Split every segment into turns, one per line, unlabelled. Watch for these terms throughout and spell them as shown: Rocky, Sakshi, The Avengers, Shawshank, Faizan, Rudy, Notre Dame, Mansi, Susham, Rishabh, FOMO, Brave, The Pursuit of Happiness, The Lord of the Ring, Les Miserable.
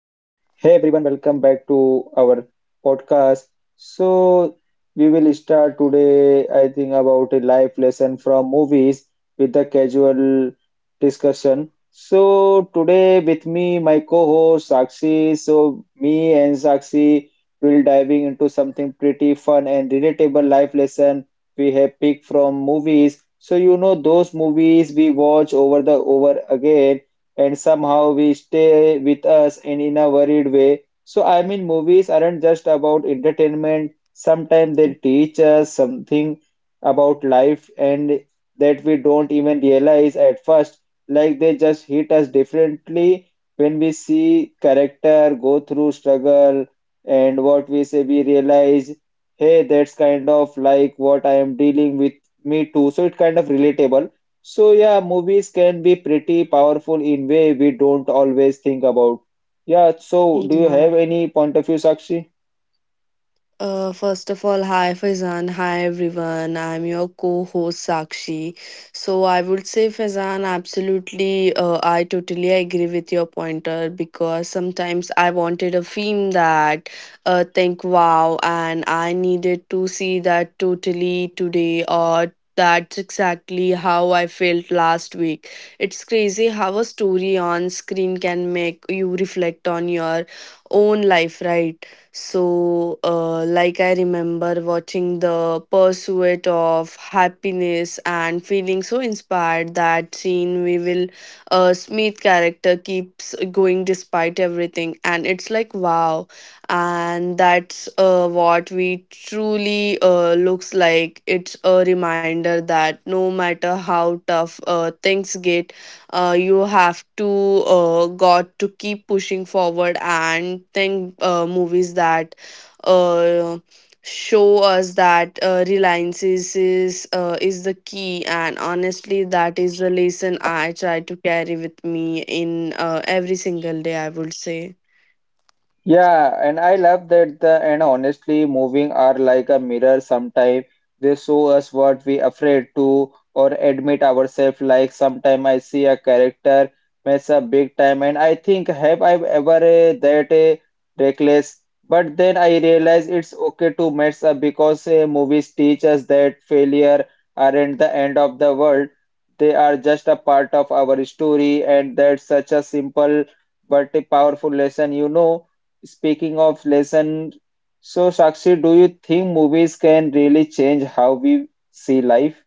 Hey everyone, welcome back to our podcast. So, we will start today, I think, about a life lesson from movies with a casual discussion. So, today with me, my co-host Sakshi. So, me and Sakshi will diving into something pretty fun and relatable life lesson we have picked from movies. So, those movies we watch over the over again and somehow we stay with us and in a worried way. So I mean, movies aren't just about entertainment. Sometimes they teach us something about life and that we don't even realize at first. Like they just hit us differently when we see character go through struggle and what we say we realize, hey, that's kind of like what I am dealing with me too. So it's kind of relatable, so yeah, movies can be pretty powerful in way we don't always think about. Yeah, so do you
Yeah.
have any point of view, Sakshi?
First of all, hi Faizan, hi everyone. I'm your co-host Sakshi. So I would say Faizan, absolutely. I totally agree with your pointer because sometimes I wanted a film that, think wow, and I needed to see that totally today or. That's exactly how I felt last week. It's crazy how a story on screen can make you reflect on your own life, right? So, like I remember watching the pursuit of happiness and feeling so inspired that scene we will Smith character keeps going despite everything, and it's like wow, and that's what we truly looks like. It's a reminder that no matter how tough things get, you have to got to keep pushing forward and think movies that uh, show us that reliance is the key, and honestly, that is the lesson I try to carry with me in every single day, I would say.
Yeah, and I love that the and honestly moving are like a mirror sometime. They show us what we afraid to or admit ourselves, like sometime I see a character mess up big time and I think, have I ever that reckless? But then I realize it's okay to mess up because movies teach us that failure aren't the end of the world. They are just a part of our story, and that's such a simple but a powerful lesson. Speaking of lesson, so Sakshi, do you think movies can really change how we see life?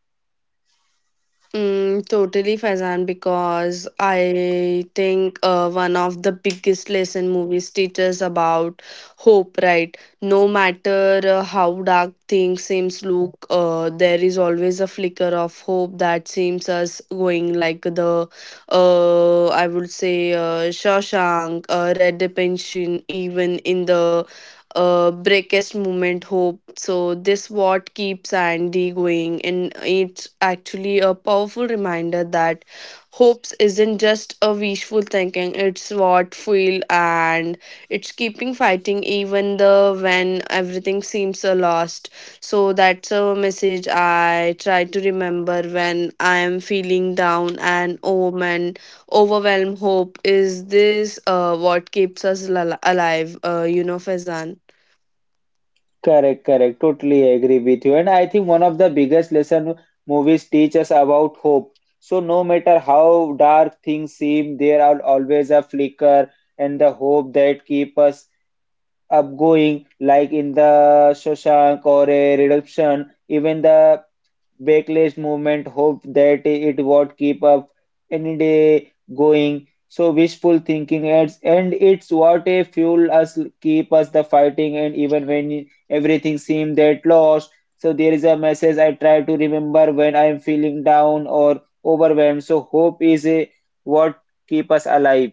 Mm, totally, Faizan, because I think one of the biggest lesson movies teaches about hope, right? No matter how dark things seems look, there is always a flicker of hope that seems us going, like the, I would say, Shawshank, Red Detention, even in the breakest moment hope, so this what keeps Andy going, and it's actually a powerful reminder that hopes isn't just a wishful thinking, it's what feel and it's keeping fighting even the when everything seems a lost. So that's a message I try to remember when I am feeling down and oh and overwhelmed. Hope is this, what keeps us alive, you know, Fezan.
Correct, correct. Totally agree with you. And I think one of the biggest lesson movies teach us about hope. So no matter how dark things seem, there are always a flicker and the hope that keep us up going, like in the Shawshank or a Redemption. Even the backlash movement hope that it would keep up any day going. So wishful thinking adds, and it's what a fuel us, keep us the fighting, and even when everything seemed that lost. So there is a message I try to remember when I am feeling down or overwhelmed. So hope is a, what keep us alive.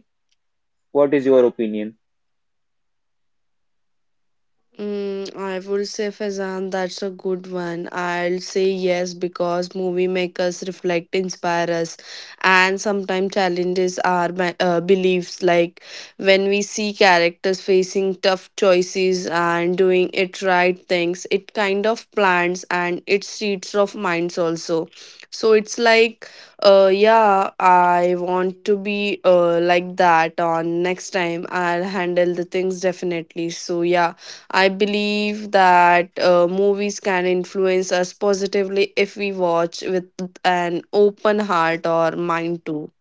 What is your opinion?
Mm, I would say Fazan, that's a good one. I'll say yes because movie makers reflect, inspire us, and sometimes challenges our beliefs. Like when we see characters facing tough choices and doing it right things, it kind of plants and it seeds of minds also. So it's like, yeah, I want to be like that on next time. I'll handle the things definitely. So yeah, I believe that movies can influence us positively if we watch with an open heart or mind too.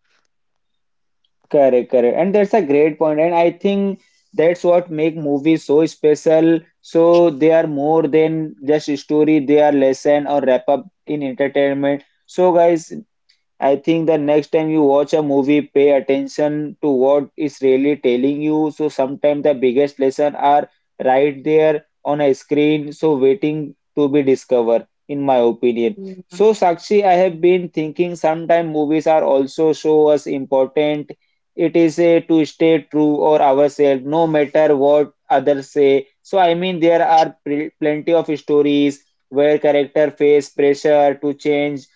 Correct, correct. And that's a great point. And I think that's what make movies so special. So they are more than just a story, they are lesson or wrap up in entertainment. So guys, I think the next time you watch a movie, pay attention to what is really telling you. So sometimes the biggest lesson are right there on a screen, so waiting to be discovered, in my opinion. So Sakshi, I have been thinking sometimes movies are also show us important. It is a to stay true or ourselves, no matter what others say. So I mean, there are plenty of stories where character face pressure to change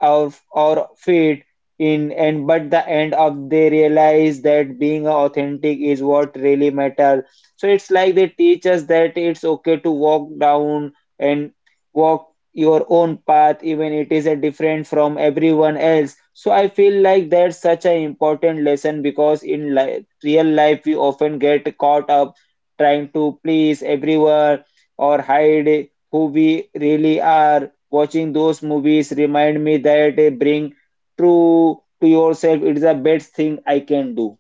our fate in and but the end of they realize that being authentic is what really matter. So it's like they teach us that it's okay to walk down and walk your own path, even it is a different from everyone else. So I feel like that's such an important lesson because in real life we often get caught up trying to please everyone or hide who we really are. Watching those movies remind me that being true to yourself is the best thing I can do.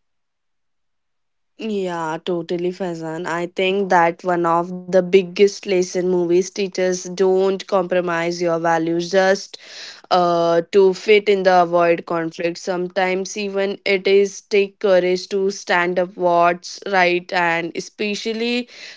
Yeah, totally, Faizan. I think that one of the biggest lesson movies teachers don't compromise your values just to fit in the avoid conflict. Sometimes even it is take courage to stand up what's right, and especially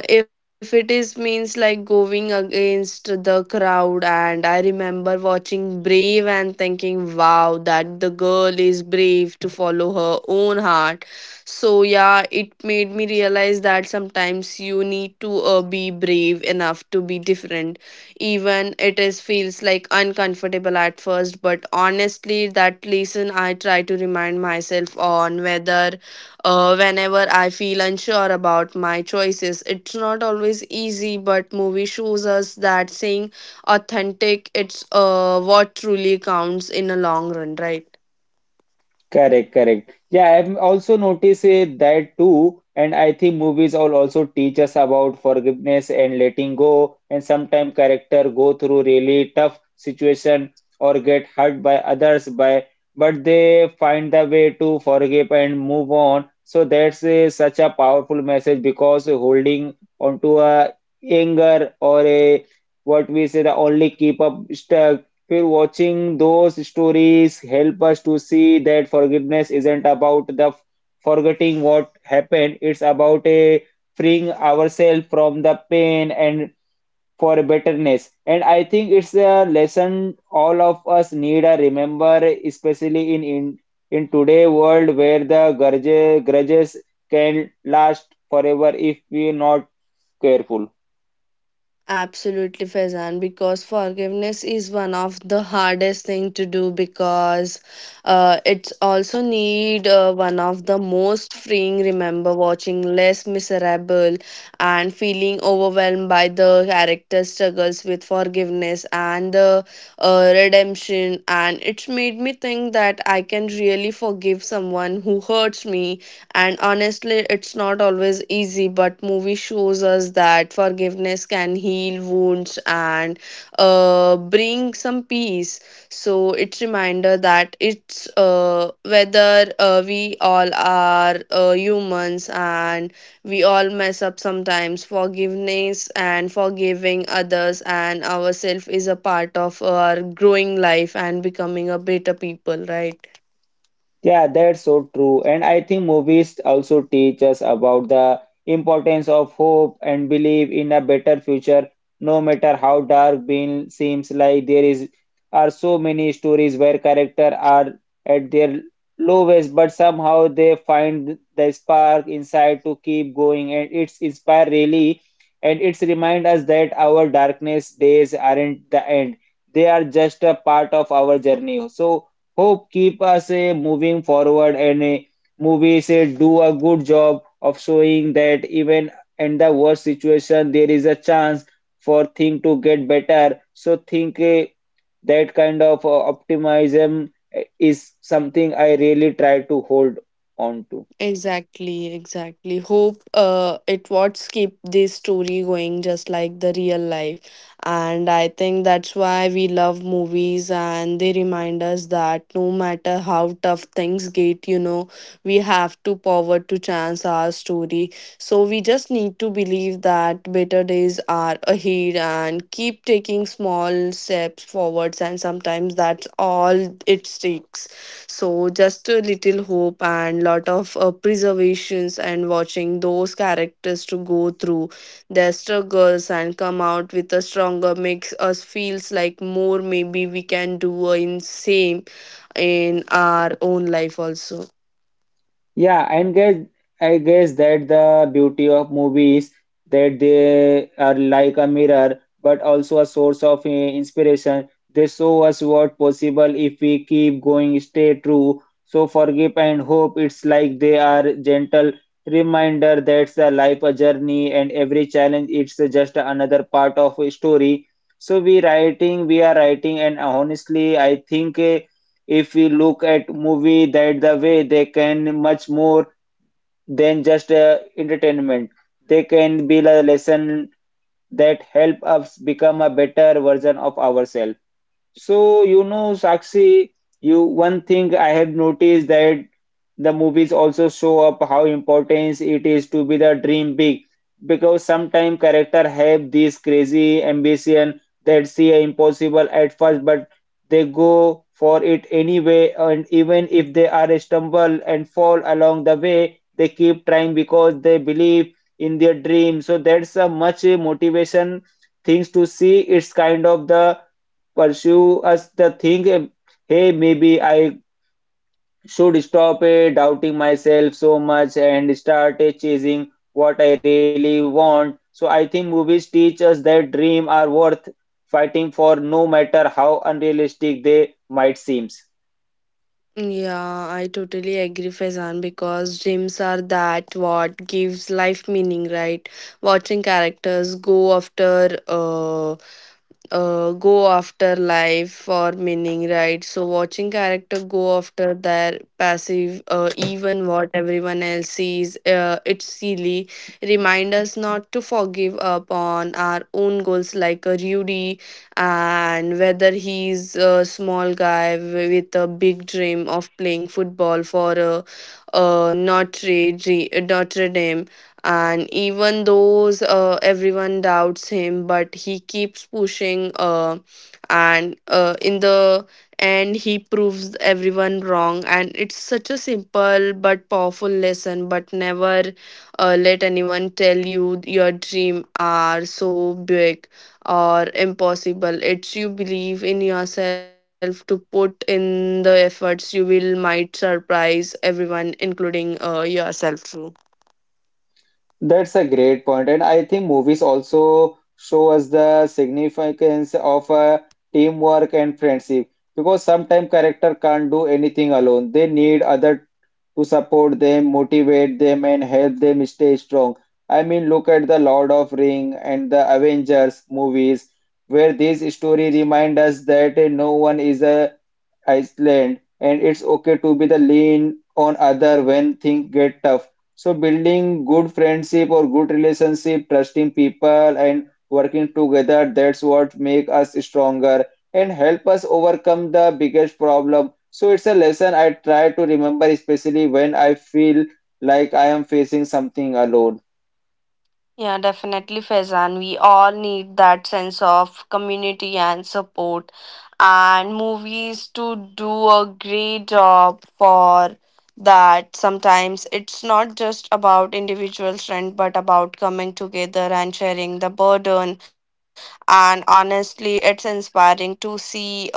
if it is means like going against the crowd. And I remember watching Brave and thinking, wow, that the girl is brave to follow her own heart. So yeah, it made me realize that sometimes you need to be brave enough to be different. Even it is feels like uncomfortable at first, but honestly, that lesson I try to remind myself on whether whenever I feel unsure about my choices. It's not always easy, but movie shows us that saying authentic, it's what truly counts in a long run, right?
Correct, correct. Yeah, I've also noticed that too. And I think movies all also teach us about forgiveness and letting go. And sometimes character go through really tough situation or get hurt by others by, but they find the way to forgive and move on. So that's such a powerful message because holding onto a anger or a what we say the only keep up stuck. Feel watching those stories help us to see that forgiveness isn't about the forgetting what happened. It's about a freeing ourselves from the pain and for bitterness. And I think it's a lesson all of us need to remember, especially in today world where the grudges can last forever if we're not careful.
Absolutely, Faizan, because forgiveness is one of the hardest thing to do because it's also need one of the most freeing. Remember watching Les Miserable and feeling overwhelmed by the character struggles with forgiveness and the redemption, and it's made me think that I can really forgive someone who hurts me. And honestly, it's not always easy, but movie shows us that forgiveness can heal wounds and bring some peace. So it's reminder that it's whether we all are humans, and we all mess up sometimes. Forgiveness and forgiving others and ourselves is a part of our growing life and becoming a better people, right?
Yeah, that's so true. And I think movies also teach us about the importance of hope and belief in a better future, no matter how dark being seems. Like there is are so many stories where characters are at their lowest, but somehow they find the spark inside to keep going, and it's inspire really, and it's remind us that our darkness days aren't the end. They are just a part of our journey. So hope keep us moving forward, and movies do a good job of showing that even in the worst situation there is a chance for thing to get better. So think that kind of optimism is something I really try to hold on to.
Exactly, exactly. Hope it what's keep this story going, just like the real life. And I think that's why we love movies, and they remind us that no matter how tough things get, you know, we have to power to chance our story. So we just need to believe that better days are ahead and keep taking small steps forwards, and sometimes that's all it takes. So just a little hope and lot of preservations, and watching those characters to go through their struggles and come out with a stronger makes us feels like more maybe we can do in same in our own life also.
Yeah, and guess I guess that the beauty of movies, that they are like a mirror, but also a source of inspiration. They show us what possible if we keep going, stay true. So forgive and hope. It's like they are gentle reminder that the life a journey, and every challenge it's just another part of a story. So we are writing, and honestly, I think, if we look at movie that the way they can much more than just entertainment, they can be a lesson that help us become a better version of ourselves. So, Sakshi, you one thing I have noticed that the movies also show up how important it is to be the dream big, because sometimes character have this crazy ambition that seem impossible at first, but they go for it anyway, and even if they are stumble and fall along the way, they keep trying because they believe in their dream. So that's a much motivation things to see. It's kind of the pursue us the thing, hey, maybe I should stop doubting myself so much and start chasing what I really want. So I think movies teach us that dreams are worth fighting for, no matter how unrealistic they might seem.
Yeah, I totally agree, Faizan, because dreams are that what gives life meaning, right? Watching characters go after go after life for meaning, right? So watching character go after their passive, even what everyone else sees, it's silly. Remind us not to forgive up on our own goals, like a Rudy, and whether he's a small guy with a big dream of playing football for a, Notre Dame, and even though, everyone doubts him, but he keeps pushing. And In the end, he proves everyone wrong. And it's such a simple but powerful lesson. But never let anyone tell you your dream are so big or impossible. It's you believe in yourself to put in the efforts you will might surprise everyone, including yourself too.
That's a great point, and I think movies also show us the significance of teamwork and friendship, because sometimes character can't do anything alone, they need other to support them, motivate them, and help them stay strong. I mean, look at the Lord of Ring and the Avengers movies, where this story remind us that no one is a Iceland, and it's okay to be the lean on other when things get tough. So building good friendship or good relationship, trusting people and working together, that's what make us stronger and help us overcome the biggest problem. So it's a lesson I try to remember, especially when I feel like I am facing something alone.
Yeah, definitely, Faizan. We all need that sense of community and support, and movies to do a great job for that. Sometimes it's not just about individual strength, but about coming together and sharing the burden. And honestly, it's inspiring to see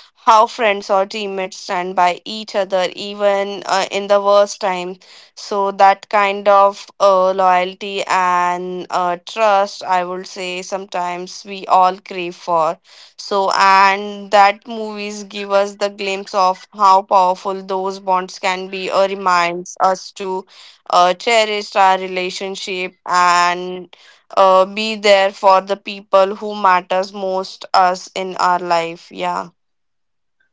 how friends or teammates stand by each other, even in the worst times. So that kind of loyalty and trust, I would say, sometimes we all crave for. So, and that movies give us the glimpse of how powerful those bonds can be, or reminds us to cherish our relationship and be there for the people who matters most us in our life. Yeah.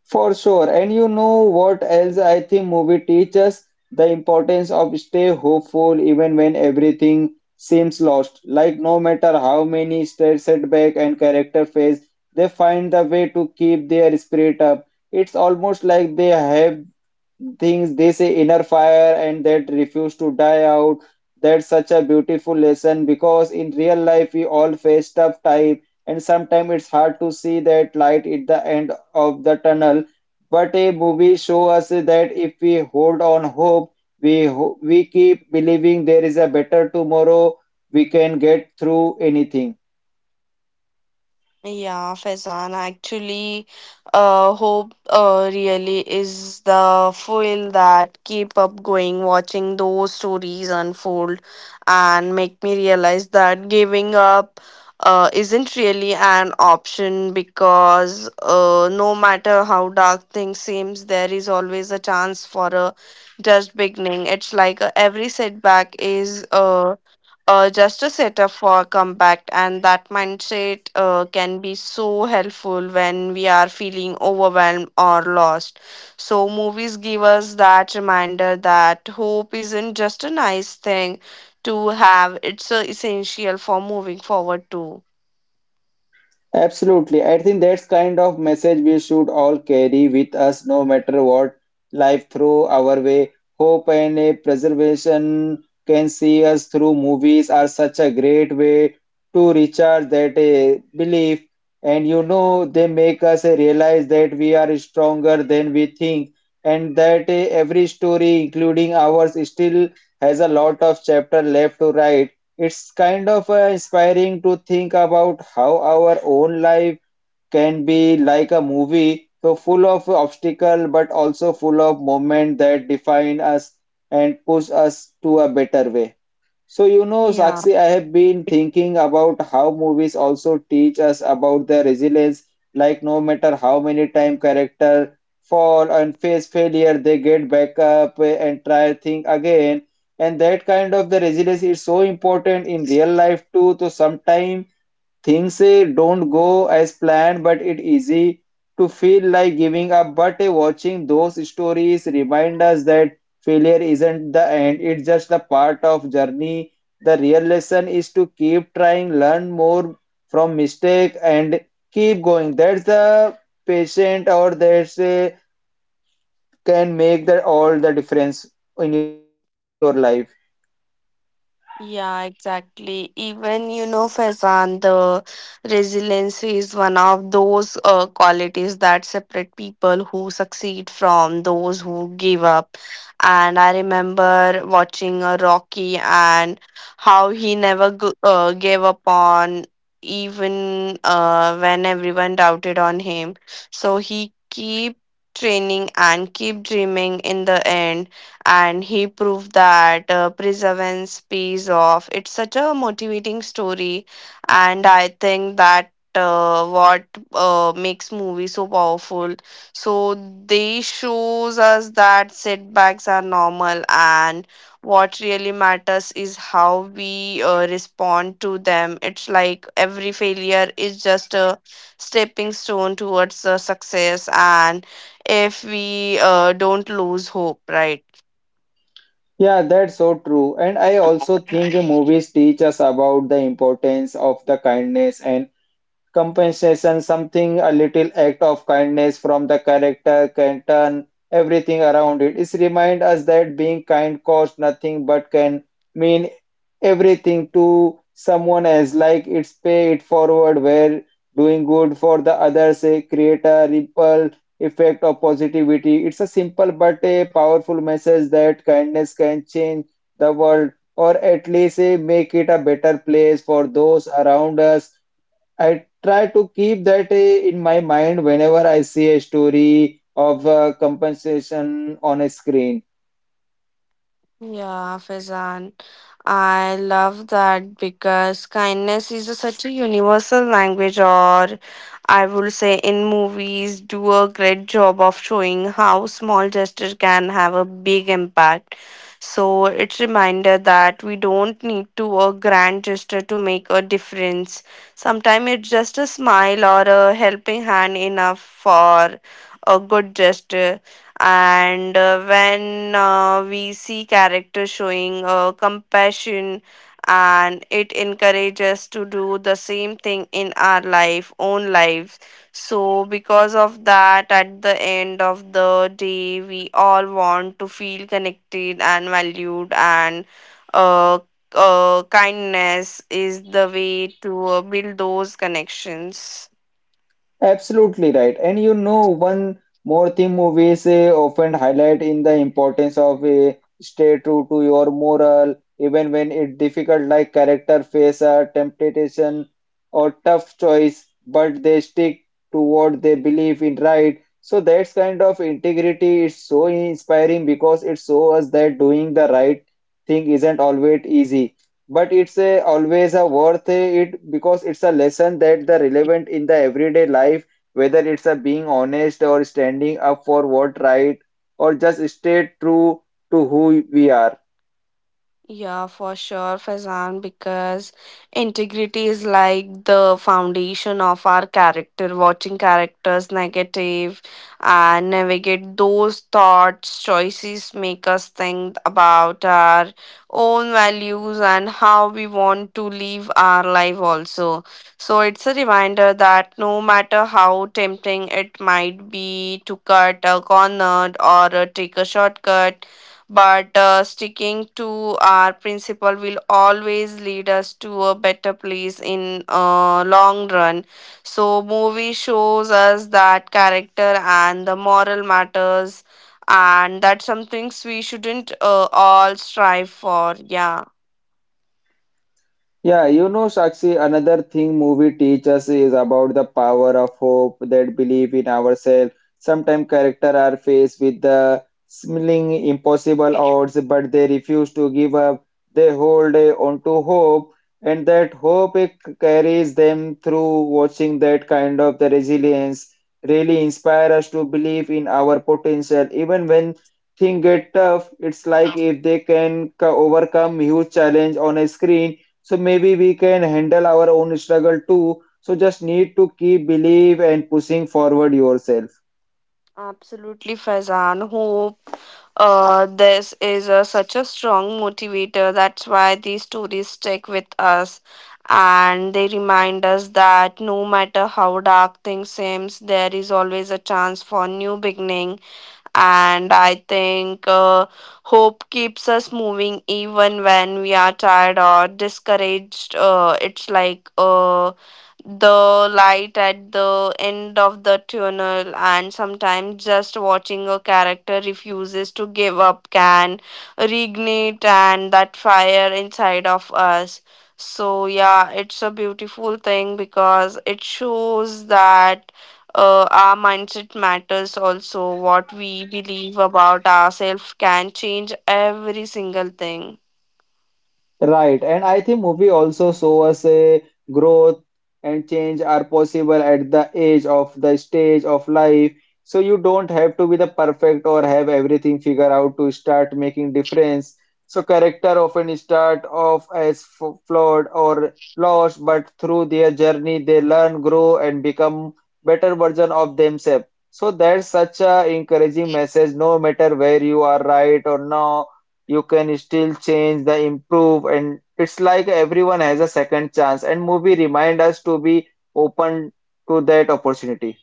For sure. And you know what else I think movie teaches? The importance of stay hopeful even when everything seems lost. Like no matter how many stress setback and character face, they find the way to keep their spirit up. It's almost like they have things they say inner fire and that refuse to die out. That's such a beautiful lesson because in real life we all face tough time and sometimes it's hard to see that light at the end of the tunnel, but a movie show us that if we hold on hope, we keep believing there is a better tomorrow, we can get through anything.
Yeah, Faizan, actually, hope really is the fuel that keep up going, watching those stories unfold and make me realize that giving up isn't really an option because no matter how dark things seems, there is always a chance for a just beginning. It's like every setback is just a setup for comeback, and that mindset can be so helpful when we are feeling overwhelmed or lost. So movies give us that reminder that hope isn't just a nice thing to have, it's essential for moving forward too.
Absolutely. I think that's kind of message we should all carry with us, no matter what life throw our way. Hope and a preservation can see us through. Movies are such a great way to recharge that belief. And they make us realize that we are stronger than we think, and that every story, including ours, still has a lot of chapter left to write. It's kind of inspiring to think about how our own life can be like a movie, so full of obstacle but also full of moment that define us and push us to a better way. So,
Yeah.
Sakshi, I have been thinking about how movies also teach us about the resilience. Like, no matter how many time character fall and face failure, they get back up, and try thing again. And that kind of the resilience is so important in real life too. So, sometimes things don't go as planned, but it's easy to feel like giving up. But watching those stories remind us that failure isn't the end, it's just the part of journey. The real lesson is to keep trying, learn more from mistake, and keep going. That's the patient, or that's can make the all the difference in your life.
Yeah, exactly. Even you know, Faizan, the resilience is one of those qualities that separate people who succeed from those who give up. And I remember watching a Rocky and how he never gave up on even when everyone doubted on him. So he keep training and keep dreaming in the end, and he proved that perseverance pays off. It's such a motivating story, and I think that what makes movies so powerful. So they shows us that setbacks are normal, and what really matters is how we respond to them. It's like every failure is just a stepping stone towards success, and if we don't lose hope, right?
Yeah, that's so true. And I also think movies teach us about the importance of the kindness and compensation, something, a little act of kindness from the character can turn everything around. It is remind us that being kind costs nothing but can mean everything to someone else, like it's pay it forward, where doing good for the others create a ripple effect of positivity. It's a simple but a powerful message that kindness can change the world or at least make it a better place for those around us. I try to keep that in my mind whenever I see a story of compensation on a screen.
Yeah, Faizan. I love that because kindness is a, such a universal language, or I would say in movies, do a great job of showing how small gesture can have a big impact. So it's reminder that we don't need to a grand gesture to make a difference. Sometimes it's just a smile or a helping hand enough for a good gesture. And when we see characters showing compassion, and it encourages to do the same thing in our life own lives. So because of that, at the end of the day, we all want to feel connected and valued, and uh, kindness is the way to build those connections.
Absolutely right. And you know, one more thing movies often highlight in the importance of a stay true to your moral, even when it's difficult, like character face a temptation or tough choice, but they stick to what they believe in right. So that's kind of integrity is so inspiring because it shows us that doing the right thing isn't always easy but it's a always a worth it because it's a lesson that the relevant in the everyday life whether it's a being honest or standing up for what right or just stay true to who we are.
Yeah, for sure, Faizan, because integrity is like the foundation of our character. Watching characters negative and navigate those thoughts, choices make us think about our own values and how we want to live our life also. So it's a reminder that no matter how tempting it might be to cut a corner or take a shortcut, but sticking to our principle will always lead us to a better place in long run. So movie shows us that character and the moral matters, and that's some things we shouldn't all strive for, yeah.
Yeah, you know, Sakshi, another thing movie teach us is about the power of hope, that belief in ourselves. Sometimes characters are faced with the seeming impossible odds, but they refuse to give up. They hold on to hope, and that hope it carries them through. Watching that kind of the resilience really inspire us to believe in our potential, even when things get tough. It's like if they can overcome huge challenge on a screen so maybe we can handle our own struggle too. So just need to keep believe and pushing forward yourself.
Absolutely, Faizan. Hope this is a, such a strong motivator. That's why these stories stick with us, and they remind us that no matter how dark things seems, there is always a chance for new beginning. And I think hope keeps us moving even when we are tired or discouraged. It's like the light at the end of the tunnel, and sometimes just watching a character refuses to give up can reignite and that fire inside of us. So yeah, it's a beautiful thing because it shows that our mindset matters, also what we believe about ourselves can change every single thing.
Right, and I think movie also show us a growth and change are possible at the age of the stage of life. So you don't have to be the perfect or have everything figured out to start making difference. So character often start off as flawed or lost, but through their journey they learn, grow, and become better version of themselves. So that's such a encouraging message. No matter where you are right or not you can still change the improve and it's like everyone has a second chance and movie remind us to be open to that opportunity.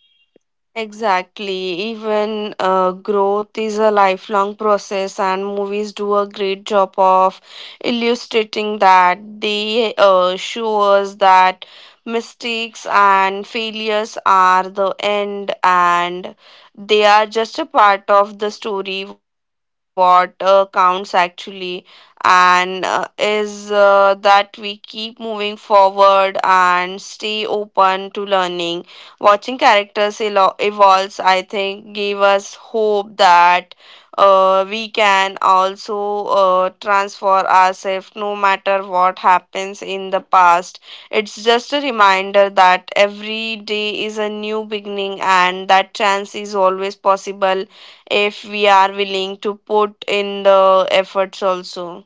Exactly. Even growth is a lifelong process, and movies do a great job of illustrating that. They show us that mistakes and failures are the end, and they are just a part of the story. What counts actually, and is that we keep moving forward and stay open to learning, watching characters evolves, I think, gave us hope that we can also transform ourselves no matter what happens in the past. It's just a reminder that every day is a new beginning and that chance is always possible if we are willing to put in the efforts also.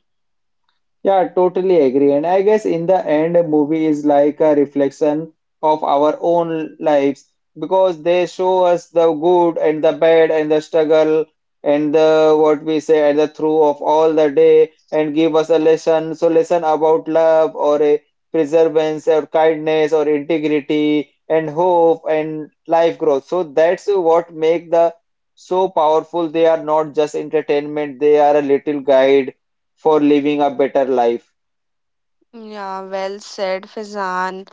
Yeah, totally agree. And I guess in the end, a movie is like a reflection of our own lives because they show us the good and the bad and the struggle and the what we say and the through of all the day and give us a lesson. So lesson about love or a perseverance or kindness or integrity and hope and life growth. So that's what make the so powerful. They are not just entertainment. They are a little guide for living a better life.
Yeah, well said, Fizan.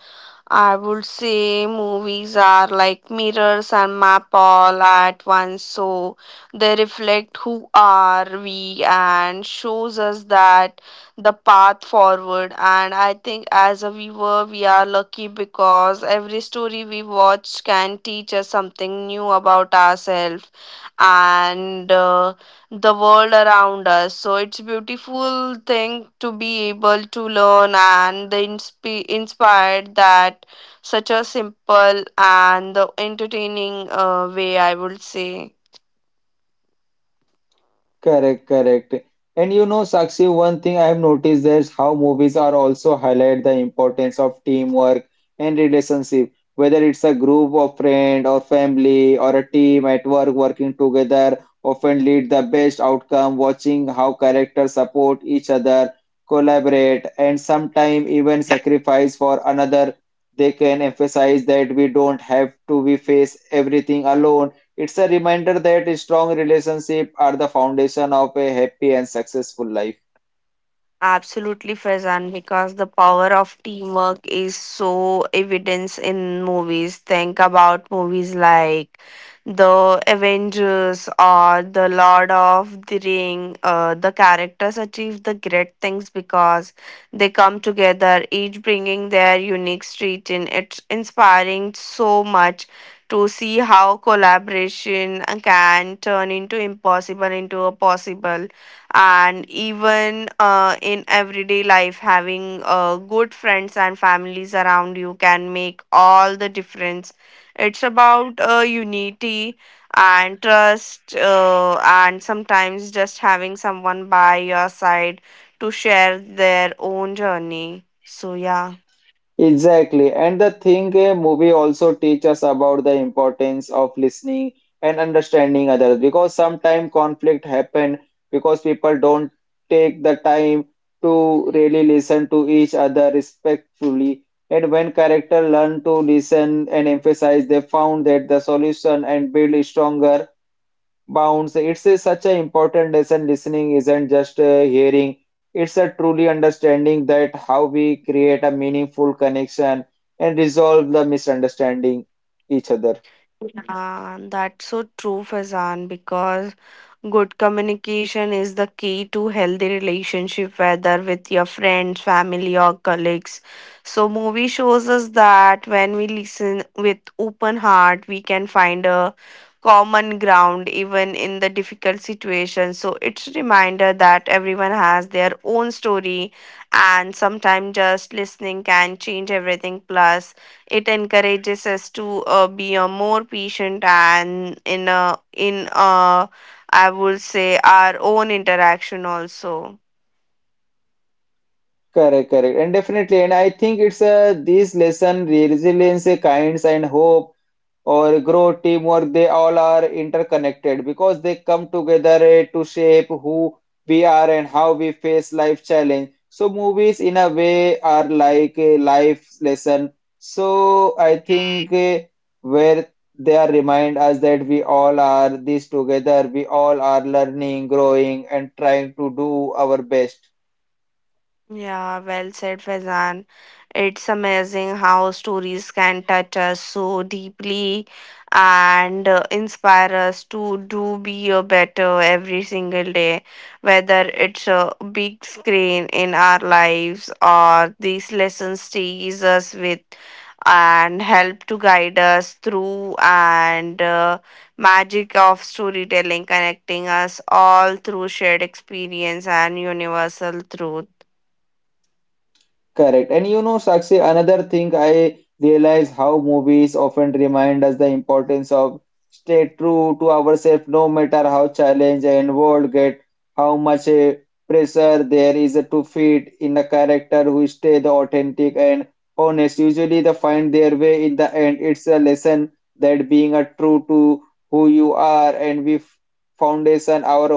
I would say movies are like mirrors and map all at once, so they reflect who are we and shows us that the path forward. And I think as a viewer, we are lucky because every story we watch can teach us something new about ourselves and. The world around us, so it's beautiful thing to be able to learn and the inspired that such a simple and the entertaining way, I would say.
Correct, correct. And you know, Sakshi, one thing I have noticed is how movies are also highlight the importance of teamwork and relationship. Whether it's a group of friend or family or a team at work working together often lead the best outcome. Watching how characters support each other, collaborate, and sometimes even sacrifice for another, they can emphasize that we don't have to we face everything alone. It's a reminder that strong relationships are the foundation of a happy and successful life.
Absolutely, Faizan, because the power of teamwork is so evident in movies. Think about movies like The Avengers or The Lord of the Ring. The characters achieve the great things because they come together, each bringing their unique street in. It's inspiring so much to see how collaboration can turn into impossible into a possible, and even in everyday life, having good friends and families around you can make all the difference. It's about unity and trust, and sometimes just having someone by your side to share their own journey, so yeah.
Exactly. And the thing a movie also teaches us about the importance of listening and understanding others because sometimes conflict happen because people don't take the time to really listen to each other respectfully. And when characters learn to listen and emphasize, they found that the solution and build stronger bounds. It's a, such an important lesson. Listening isn't just a hearing, it's a truly understanding that how we create a meaningful connection and resolve the misunderstanding each other.
And that's so true, fazan, because good communication is the key to healthy relationship, whether with your friends, family, or colleagues. So, movie shows us that when we listen with open heart, we can find a common ground even in the difficult situation. So, it's a reminder that everyone has their own story, and sometimes just listening can change everything. Plus, it encourages us to be a more patient and in a I would say our own interaction also.
Correct, correct. And definitely, and I think it's a this lesson, resilience, a kinds and hope or grow teamwork they all are interconnected because they come together to shape who we are and how we face life challenge so movies in a way are like a life lesson so I think where they are remind us that we all are this together we all are learning growing and trying to do our best.
Yeah, well said, Faizan. It's amazing how stories can touch us so deeply and inspire us to do be a better every single day, whether it's a big screen in our lives or these lessons stays us with and help to guide us through, and magic of storytelling connecting us all through shared experience and universal truth.
Correct. And you know, Sakshi, another thing I realize how movies often remind us the importance of stay true to ourselves, no matter how challenge and world get, how much pressure there is to fit in a character who stay the authentic and honest. Usually they find their way in the end. It's a lesson that being a true to who you are and we foundation our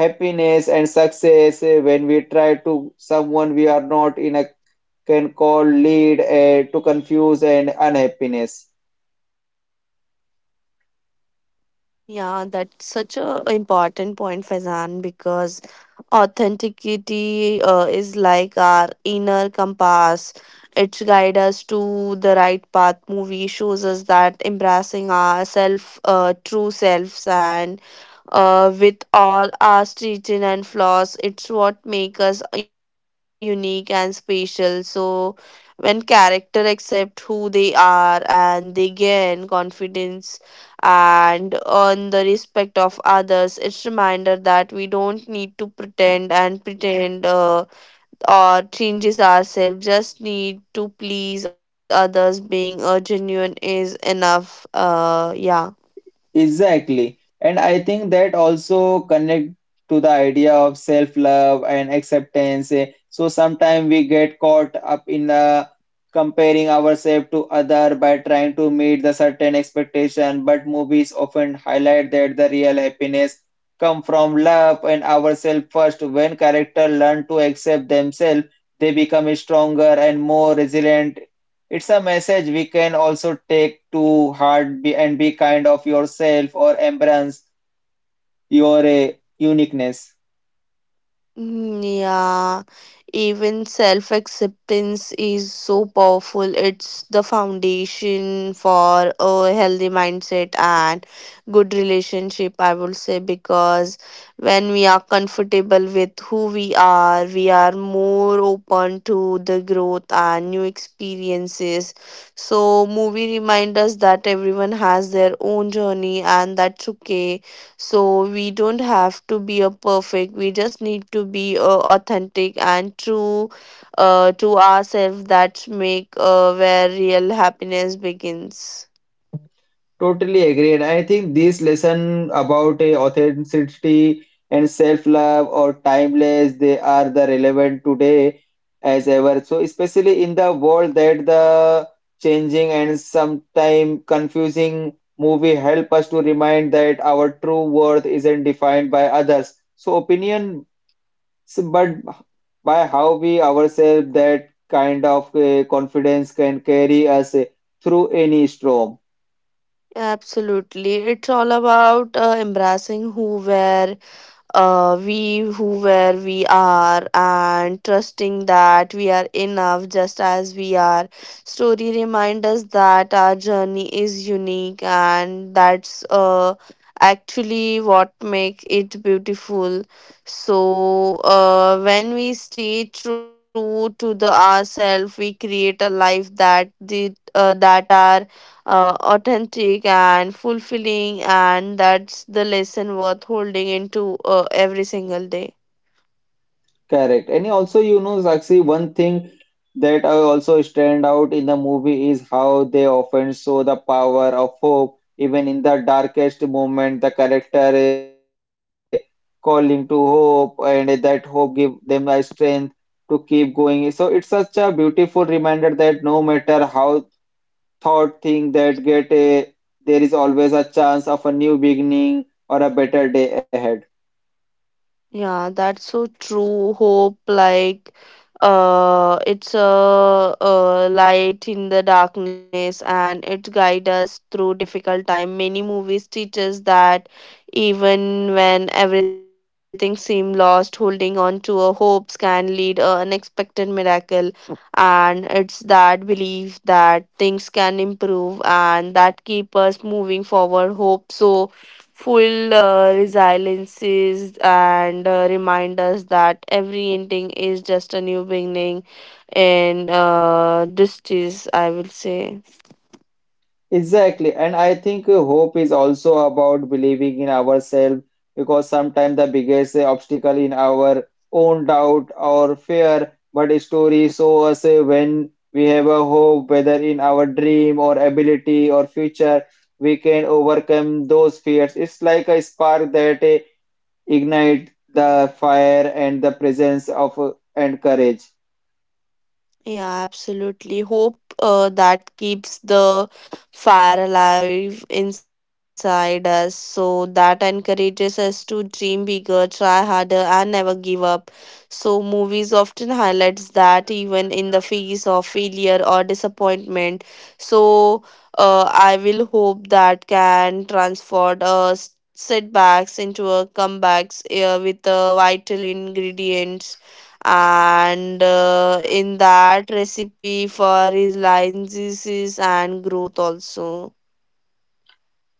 happiness and success when we try to someone we are not in a can call lead to confuse and unhappiness.
Yeah, that's such a important point, Faizan, because authenticity is like our inner compass. It guides us to the right path. Movie shows us that embracing our self, true selves, and with all our strengths and flaws, it's what makes us unique and special. So, when character accept who they are, and they gain confidence and on the respect of others, it's reminder that we don't need to pretend or changes ourselves, just need to please others, being a genuine is enough, yeah.
Exactly. And I think that also connect to the idea of self-love and acceptance. Eh. So sometimes we get caught up in comparing ourselves to other by trying to meet the certain expectation, but movies often highlight that the real happiness come from love and ourselves first. When character learn to accept themselves, they become stronger and more resilient. It's a message we can also take to heart be, and be kind of yourself or embrace your uniqueness.
Mm, yeah, even self acceptance is so powerful. It's the foundation for a healthy mindset and good relationship, I would say, because when we are comfortable with who we are more open to the growth and new experiences. So, movie remind us that everyone has their own journey and that's okay, so we don't have to be a perfect. We just need to be authentic and true to ourselves. That make where real happiness begins.
Totally agreed. I think this lesson about a authenticity and self-love or timeless, they are the relevant today as ever. So especially in the world that the changing and sometimes confusing movie help us to remind that our true worth isn't defined by others. So opinion So, but by how we ourselves, that kind of confidence can carry us through any storm.
Absolutely, it's all about embracing who we're, we who where we are, and trusting that we are enough just as we are. Story reminds us that our journey is unique and that's actually what makes it beautiful, so when we stay true to the ourselves we create a life that the that are authentic and fulfilling, and that's the lesson worth holding into every single day.
Correct. And also, you know, Sakshi, one thing that I also stand out in the movie is how they often show the power of hope, even in the darkest moment. The character calling to hope, and that hope give them a strength to keep going. So it's such a beautiful reminder that no matter how thought think that get a there is always a chance of a new beginning or a better day ahead.
Yeah, that's so true. Hope, like, it's a light in the darkness, and it guides us through difficult time. Many movies teach us that even when everything seems lost, holding on to our hopes can lead a unexpected miracle. And it's that belief that things can improve and that keep us moving forward. Hope so full resiliences and remind us that every ending is just a new beginning in, this is I will say.
Exactly. And I think hope is also about believing in ourselves because sometimes the biggest obstacle in our own doubt or fear, but a story show us when we have a hope, whether in our dream or ability or future, we can overcome those fears. It's like a spark that ignite the fire and the presence of and courage.
Yeah, absolutely. Hope that keeps the fire alive inside us. So that encourages us to dream bigger, try harder, and never give up. So movies often highlights that even in the face of failure or disappointment. So I will hope that can transform us setbacks into a comebacks with vital ingredients and in that recipe for his lines and growth also.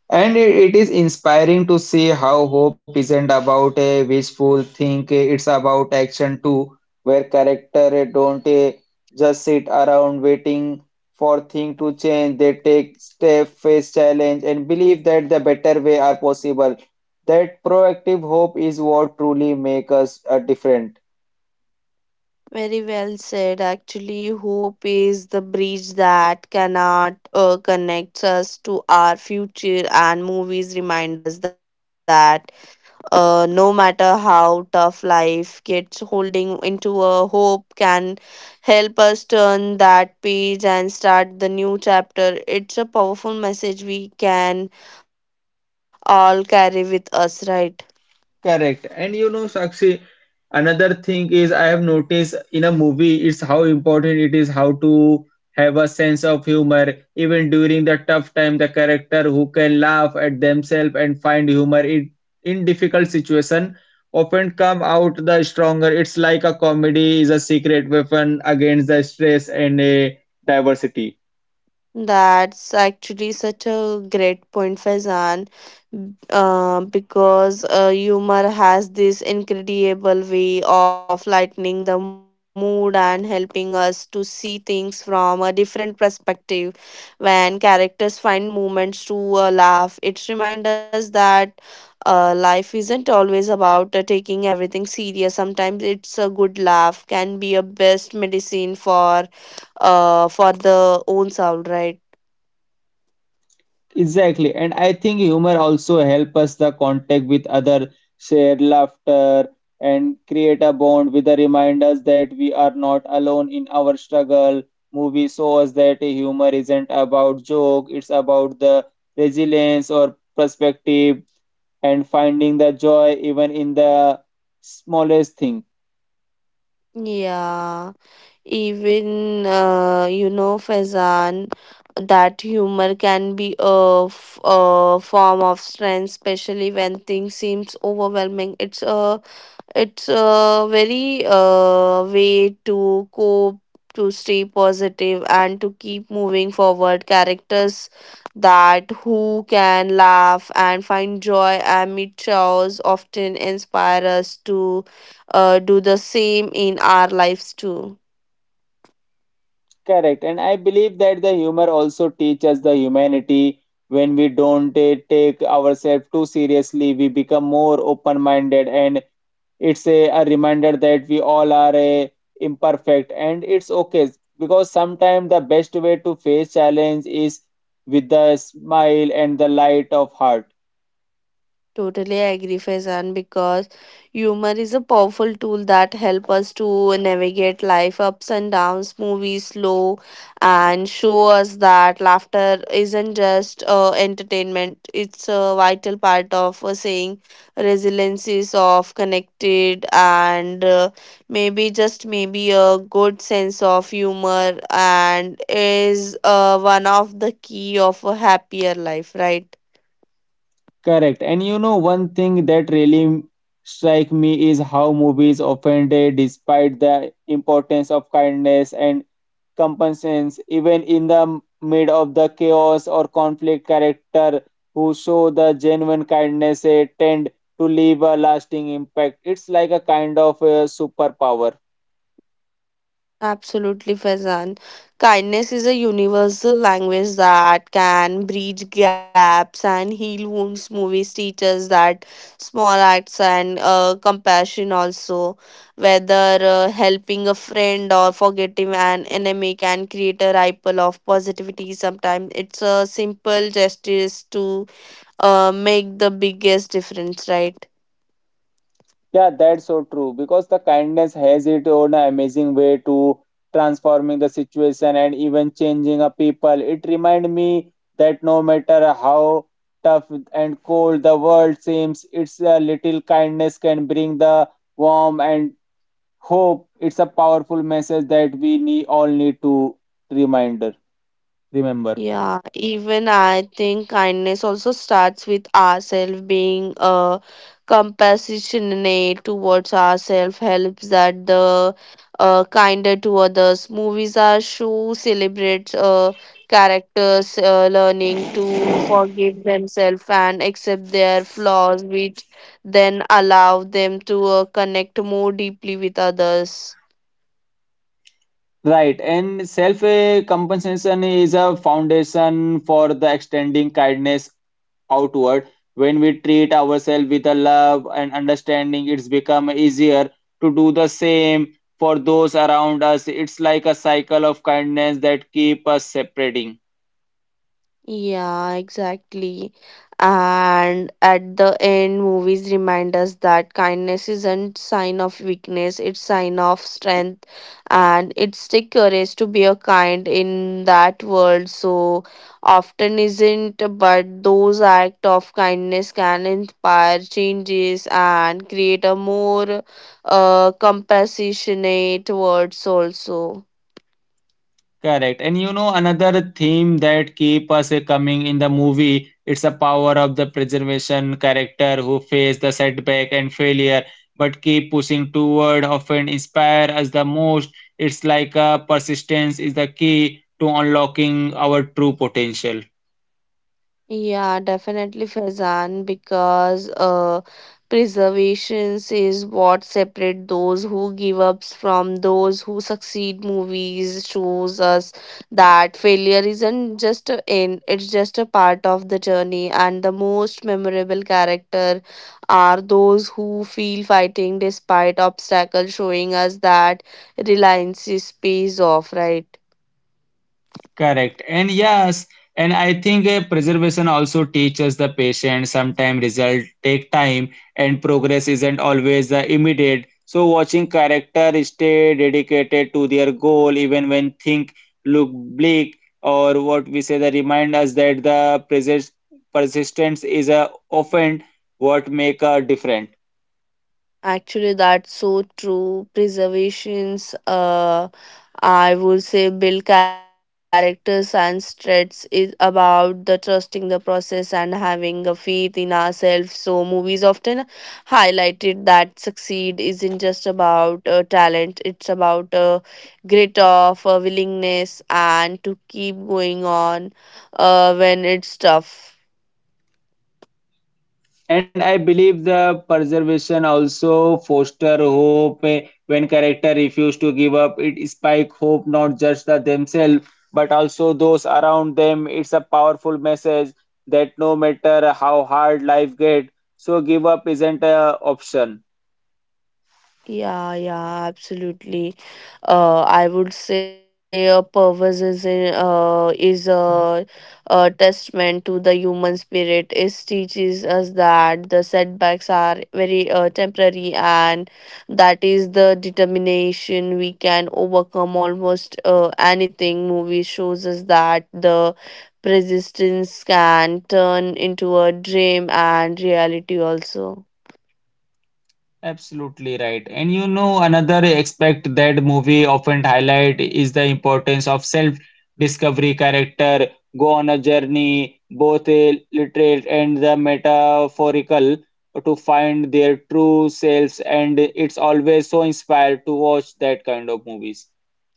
And it is inspiring to see how hope isn't about a wishful think, it's about action too, where character don't just sit around waiting for things to change. They take step, face challenge, and believe that the better way are possible. That proactive hope is what truly makes us a different.
Very well said, actually hope is the bridge that cannot connects us to our future, and movies remind us that no matter how tough life gets, holding into a hope can help us turn that page and start the new chapter. It's a powerful message we can all carry with us, right?
Correct. And you know, Sakshi, another thing is I have noticed in a movie, it's how important it is how to have a sense of humor. Even during the tough time, the character who can laugh at themselves and find humor in difficult situation often come out the stronger. It's like a comedy is a secret weapon against the stress and a diversity.
That's actually such a great point, Faizan, because humor has this incredible way of lightening the mood and helping us to see things from a different perspective. When characters find moments to laugh, it reminds us that life isn't always about taking everything serious. Sometimes it's a good laugh can be a best medicine for for the own soul, right?
Exactly, and I think humor also help us the contact with other, share laughter, and create a bond with the reminders that we are not alone in our struggle. Movie shows that humor isn't about joke; it's about the resilience or perspective and finding the joy even in the smallest thing.
Yeah, even you know, Faizan, that humor can be a, a form of strength, especially when things seems overwhelming. It's a very way to cope, to stay positive, and to keep moving forward. Characters that who can laugh and find joy amid chores often inspire us to do the same in our lives too.
Correct. And I believe that the humor also teaches the humanity. When we don't take ourselves too seriously, we become more open-minded, and it's a reminder that we all are imperfect, and it's okay because sometimes the best way to face challenge is with the smile and the light of heart.
Totally agree, Faizan, because humor is a powerful tool that help us to navigate life ups and downs, movies slow, and show us that laughter isn't just entertainment. It's a vital part of saying resiliencies of connected, and maybe just maybe a good sense of humor and is one of the key of a happier life, right?
Correct. And you know, one thing that really strike me is how movies often day, despite the importance of kindness and compassion, even in the mid of the chaos or conflict, character who show the genuine kindness tend to leave a lasting impact. It's like a kind of a superpower.
Absolutely, Faizan. Kindness is a universal language that can bridge gaps and heal wounds. Movies teach us that small acts and compassion also, whether helping a friend or forgetting an enemy, can create a ripple of positivity. Sometimes it's a simple gesture to make the biggest difference, right?
Yeah, that's so true because the kindness has its own amazing way to transforming the situation and even changing a people. It remind me that no matter how tough and cold the world seems, it's a little kindness can bring the warmth and hope. It's a powerful message that we need, all need to reminder remember.
Yeah, even I think kindness also starts with ourselves, being compassionate towards ourselves helps that the kinder to others. Movies are show celebrates characters learning to forgive themselves and accept their flaws, which then allow them to connect more deeply with others.
Right, and self compensation is a foundation for the extending kindness outward. When we treat ourselves with a love and understanding, it's become easier to do the same for those around us. It's like a cycle of kindness that keep us separating.
Yeah, exactly. And at the end, movies remind us that kindness isn't sign of weakness, it's sign of strength, and it's the courage to be a kind in that world, so often isn't, but those act of kindness can inspire changes and create a more compassionate world also.
Correct. And you know, another theme that keep us coming in the movie, it's a power of the preservation character who face the setback and failure, but keep pushing toward, often inspire us the most. It's like a persistence is the key to unlocking our true potential.
Yeah, definitely Faizan, because preservations is what separate those who give ups from those who succeed. Movies shows us that failure isn't just an end; it's just a part of the journey. And the most memorable character are those who feel fighting despite obstacles, showing us that reliance is pays off, right?
Correct. And yes, and I think a preservation also teaches the patient sometime result take time and progress isn't always the immediate. So watching character stay dedicated to their goal even when things look bleak or what we say the remind us that the persistence is a often what make a difference.
Actually, that's so true. Preservations, I would say, build characters and strengths, is about the trusting the process and having a faith in ourselves. So movies often highlighted that succeed isn't just about talent; it's about a grit of a willingness and to keep going on when it's tough.
And I believe the preservation also foster hope when character refuse to give up. It spike hope not just the themselves but also those around them. It's a powerful message that no matter how hard life get, so give up isn't a option.
Yeah, absolutely. I would say a purpose is in, is a testament to the human spirit. It teaches us that the setbacks are very temporary, and that is the determination we can overcome almost anything. Movie shows us that the persistence can turn into a dream and reality also.
Absolutely right. And you know, another aspect that movie often highlight is the importance of self-discovery. Character go on a journey, both literal and the metaphorical, to find their true selves, and it's always so inspired to watch that kind of movies.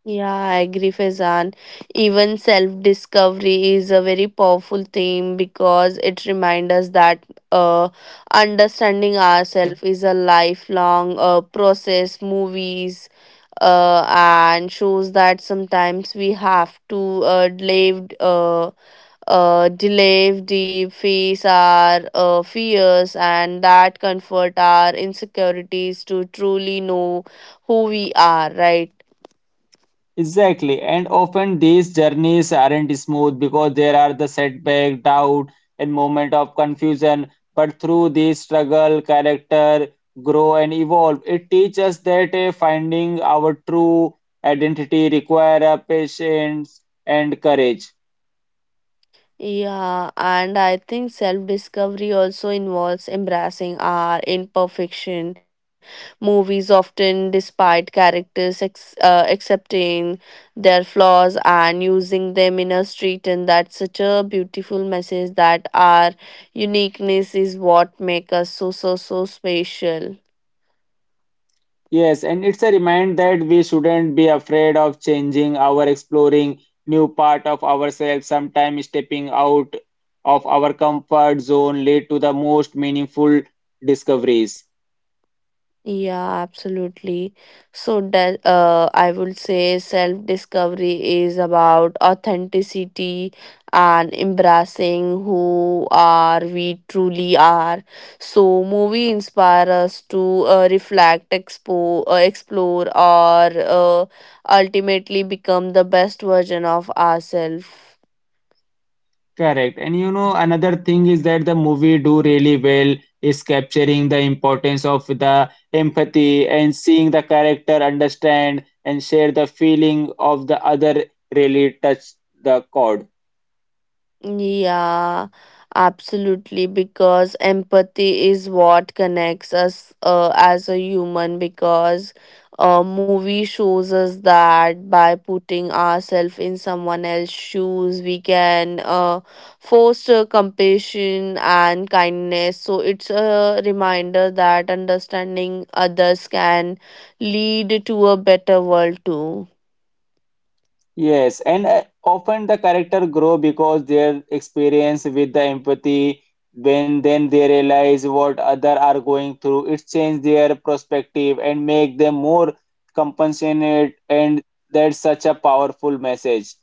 Yeah, I agree, Faizan. Even self discovery is a very powerful theme because it reminds us that uh, understanding ourselves is a lifelong process. Movies and shows that sometimes we have to live. Delay deep, face our fears and that comfort our insecurities to truly know who we are, right?
Exactly, and often these journeys aren't smooth because there are the setback, doubt, and moment of confusion. But through this struggle, character grow and evolve. It teaches us that finding our true identity require patience and courage.
Yeah, and I think self discovery also involves embracing our imperfection. Movies often despite characters accepting their flaws and using them in a street, and that's such a beautiful message that our uniqueness is what makes us so special.
Yes, and it's a reminder that we shouldn't be afraid of changing our exploring new part of ourselves. Sometimes stepping out of our comfort zone lead to the most meaningful discoveries.
Yeah, absolutely. So that I would say self-discovery is about authenticity and embracing who are we truly are. So movie inspire us to reflect, expo explore, or uh, ultimately become the best version of ourselves.
Correct. And you know, another thing is that the movie do really well is capturing the importance of the empathy and seeing the character understand and share the feeling of the other really touch the chord.
Yeah, absolutely. Because empathy is what connects us as a human. Because a movie shows us that by putting ourselves in someone else's shoes, we can foster compassion and kindness. So it's a reminder that understanding others can lead to a better world too.
Yes, and often the character grow because their experience with the empathy, when then they realize what other are going through, it change their perspective and make them more compassionate, and that's such a powerful message.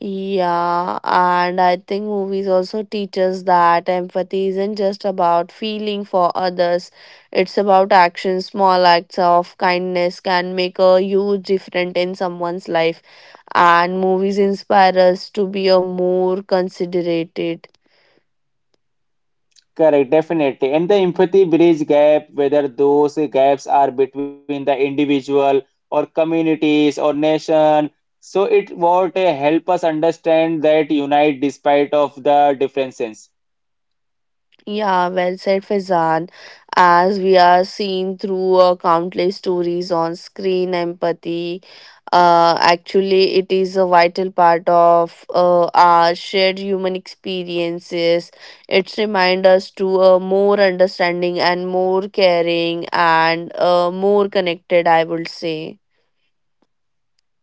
Yeah, and I think movies also teach us that empathy isn't just about feeling for others, it's about action. Small acts of kindness can make a huge difference in someone's life, and movies inspire us to be a more considerate.
Correct, definitely. And the empathy bridge gap, whether those gaps are between the individual or communities or nation. So it what help us understand that unite despite of the differences.
Yeah, well said, Faizan. As we are seeing through countless stories on screen, empathy actually it is a vital part of our shared human experiences. It reminds us to more understanding and more caring and more connected. I would say.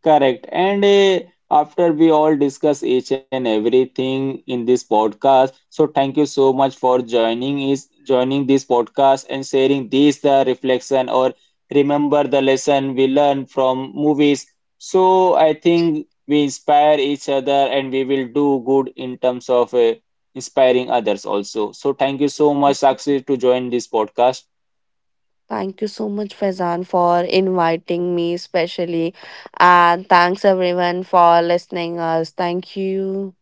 Correct. And after we all discuss each and everything in this podcast, so thank you so much for joining this podcast and sharing these the reflection or remember the lesson we learned from movies. So I think we inspire each other and we will do good in terms of inspiring others also. So thank you so much, Sakshi, to join this podcast.
Thank you so much, Faizan, for inviting me, especially, and thanks everyone for listening us. Thank you.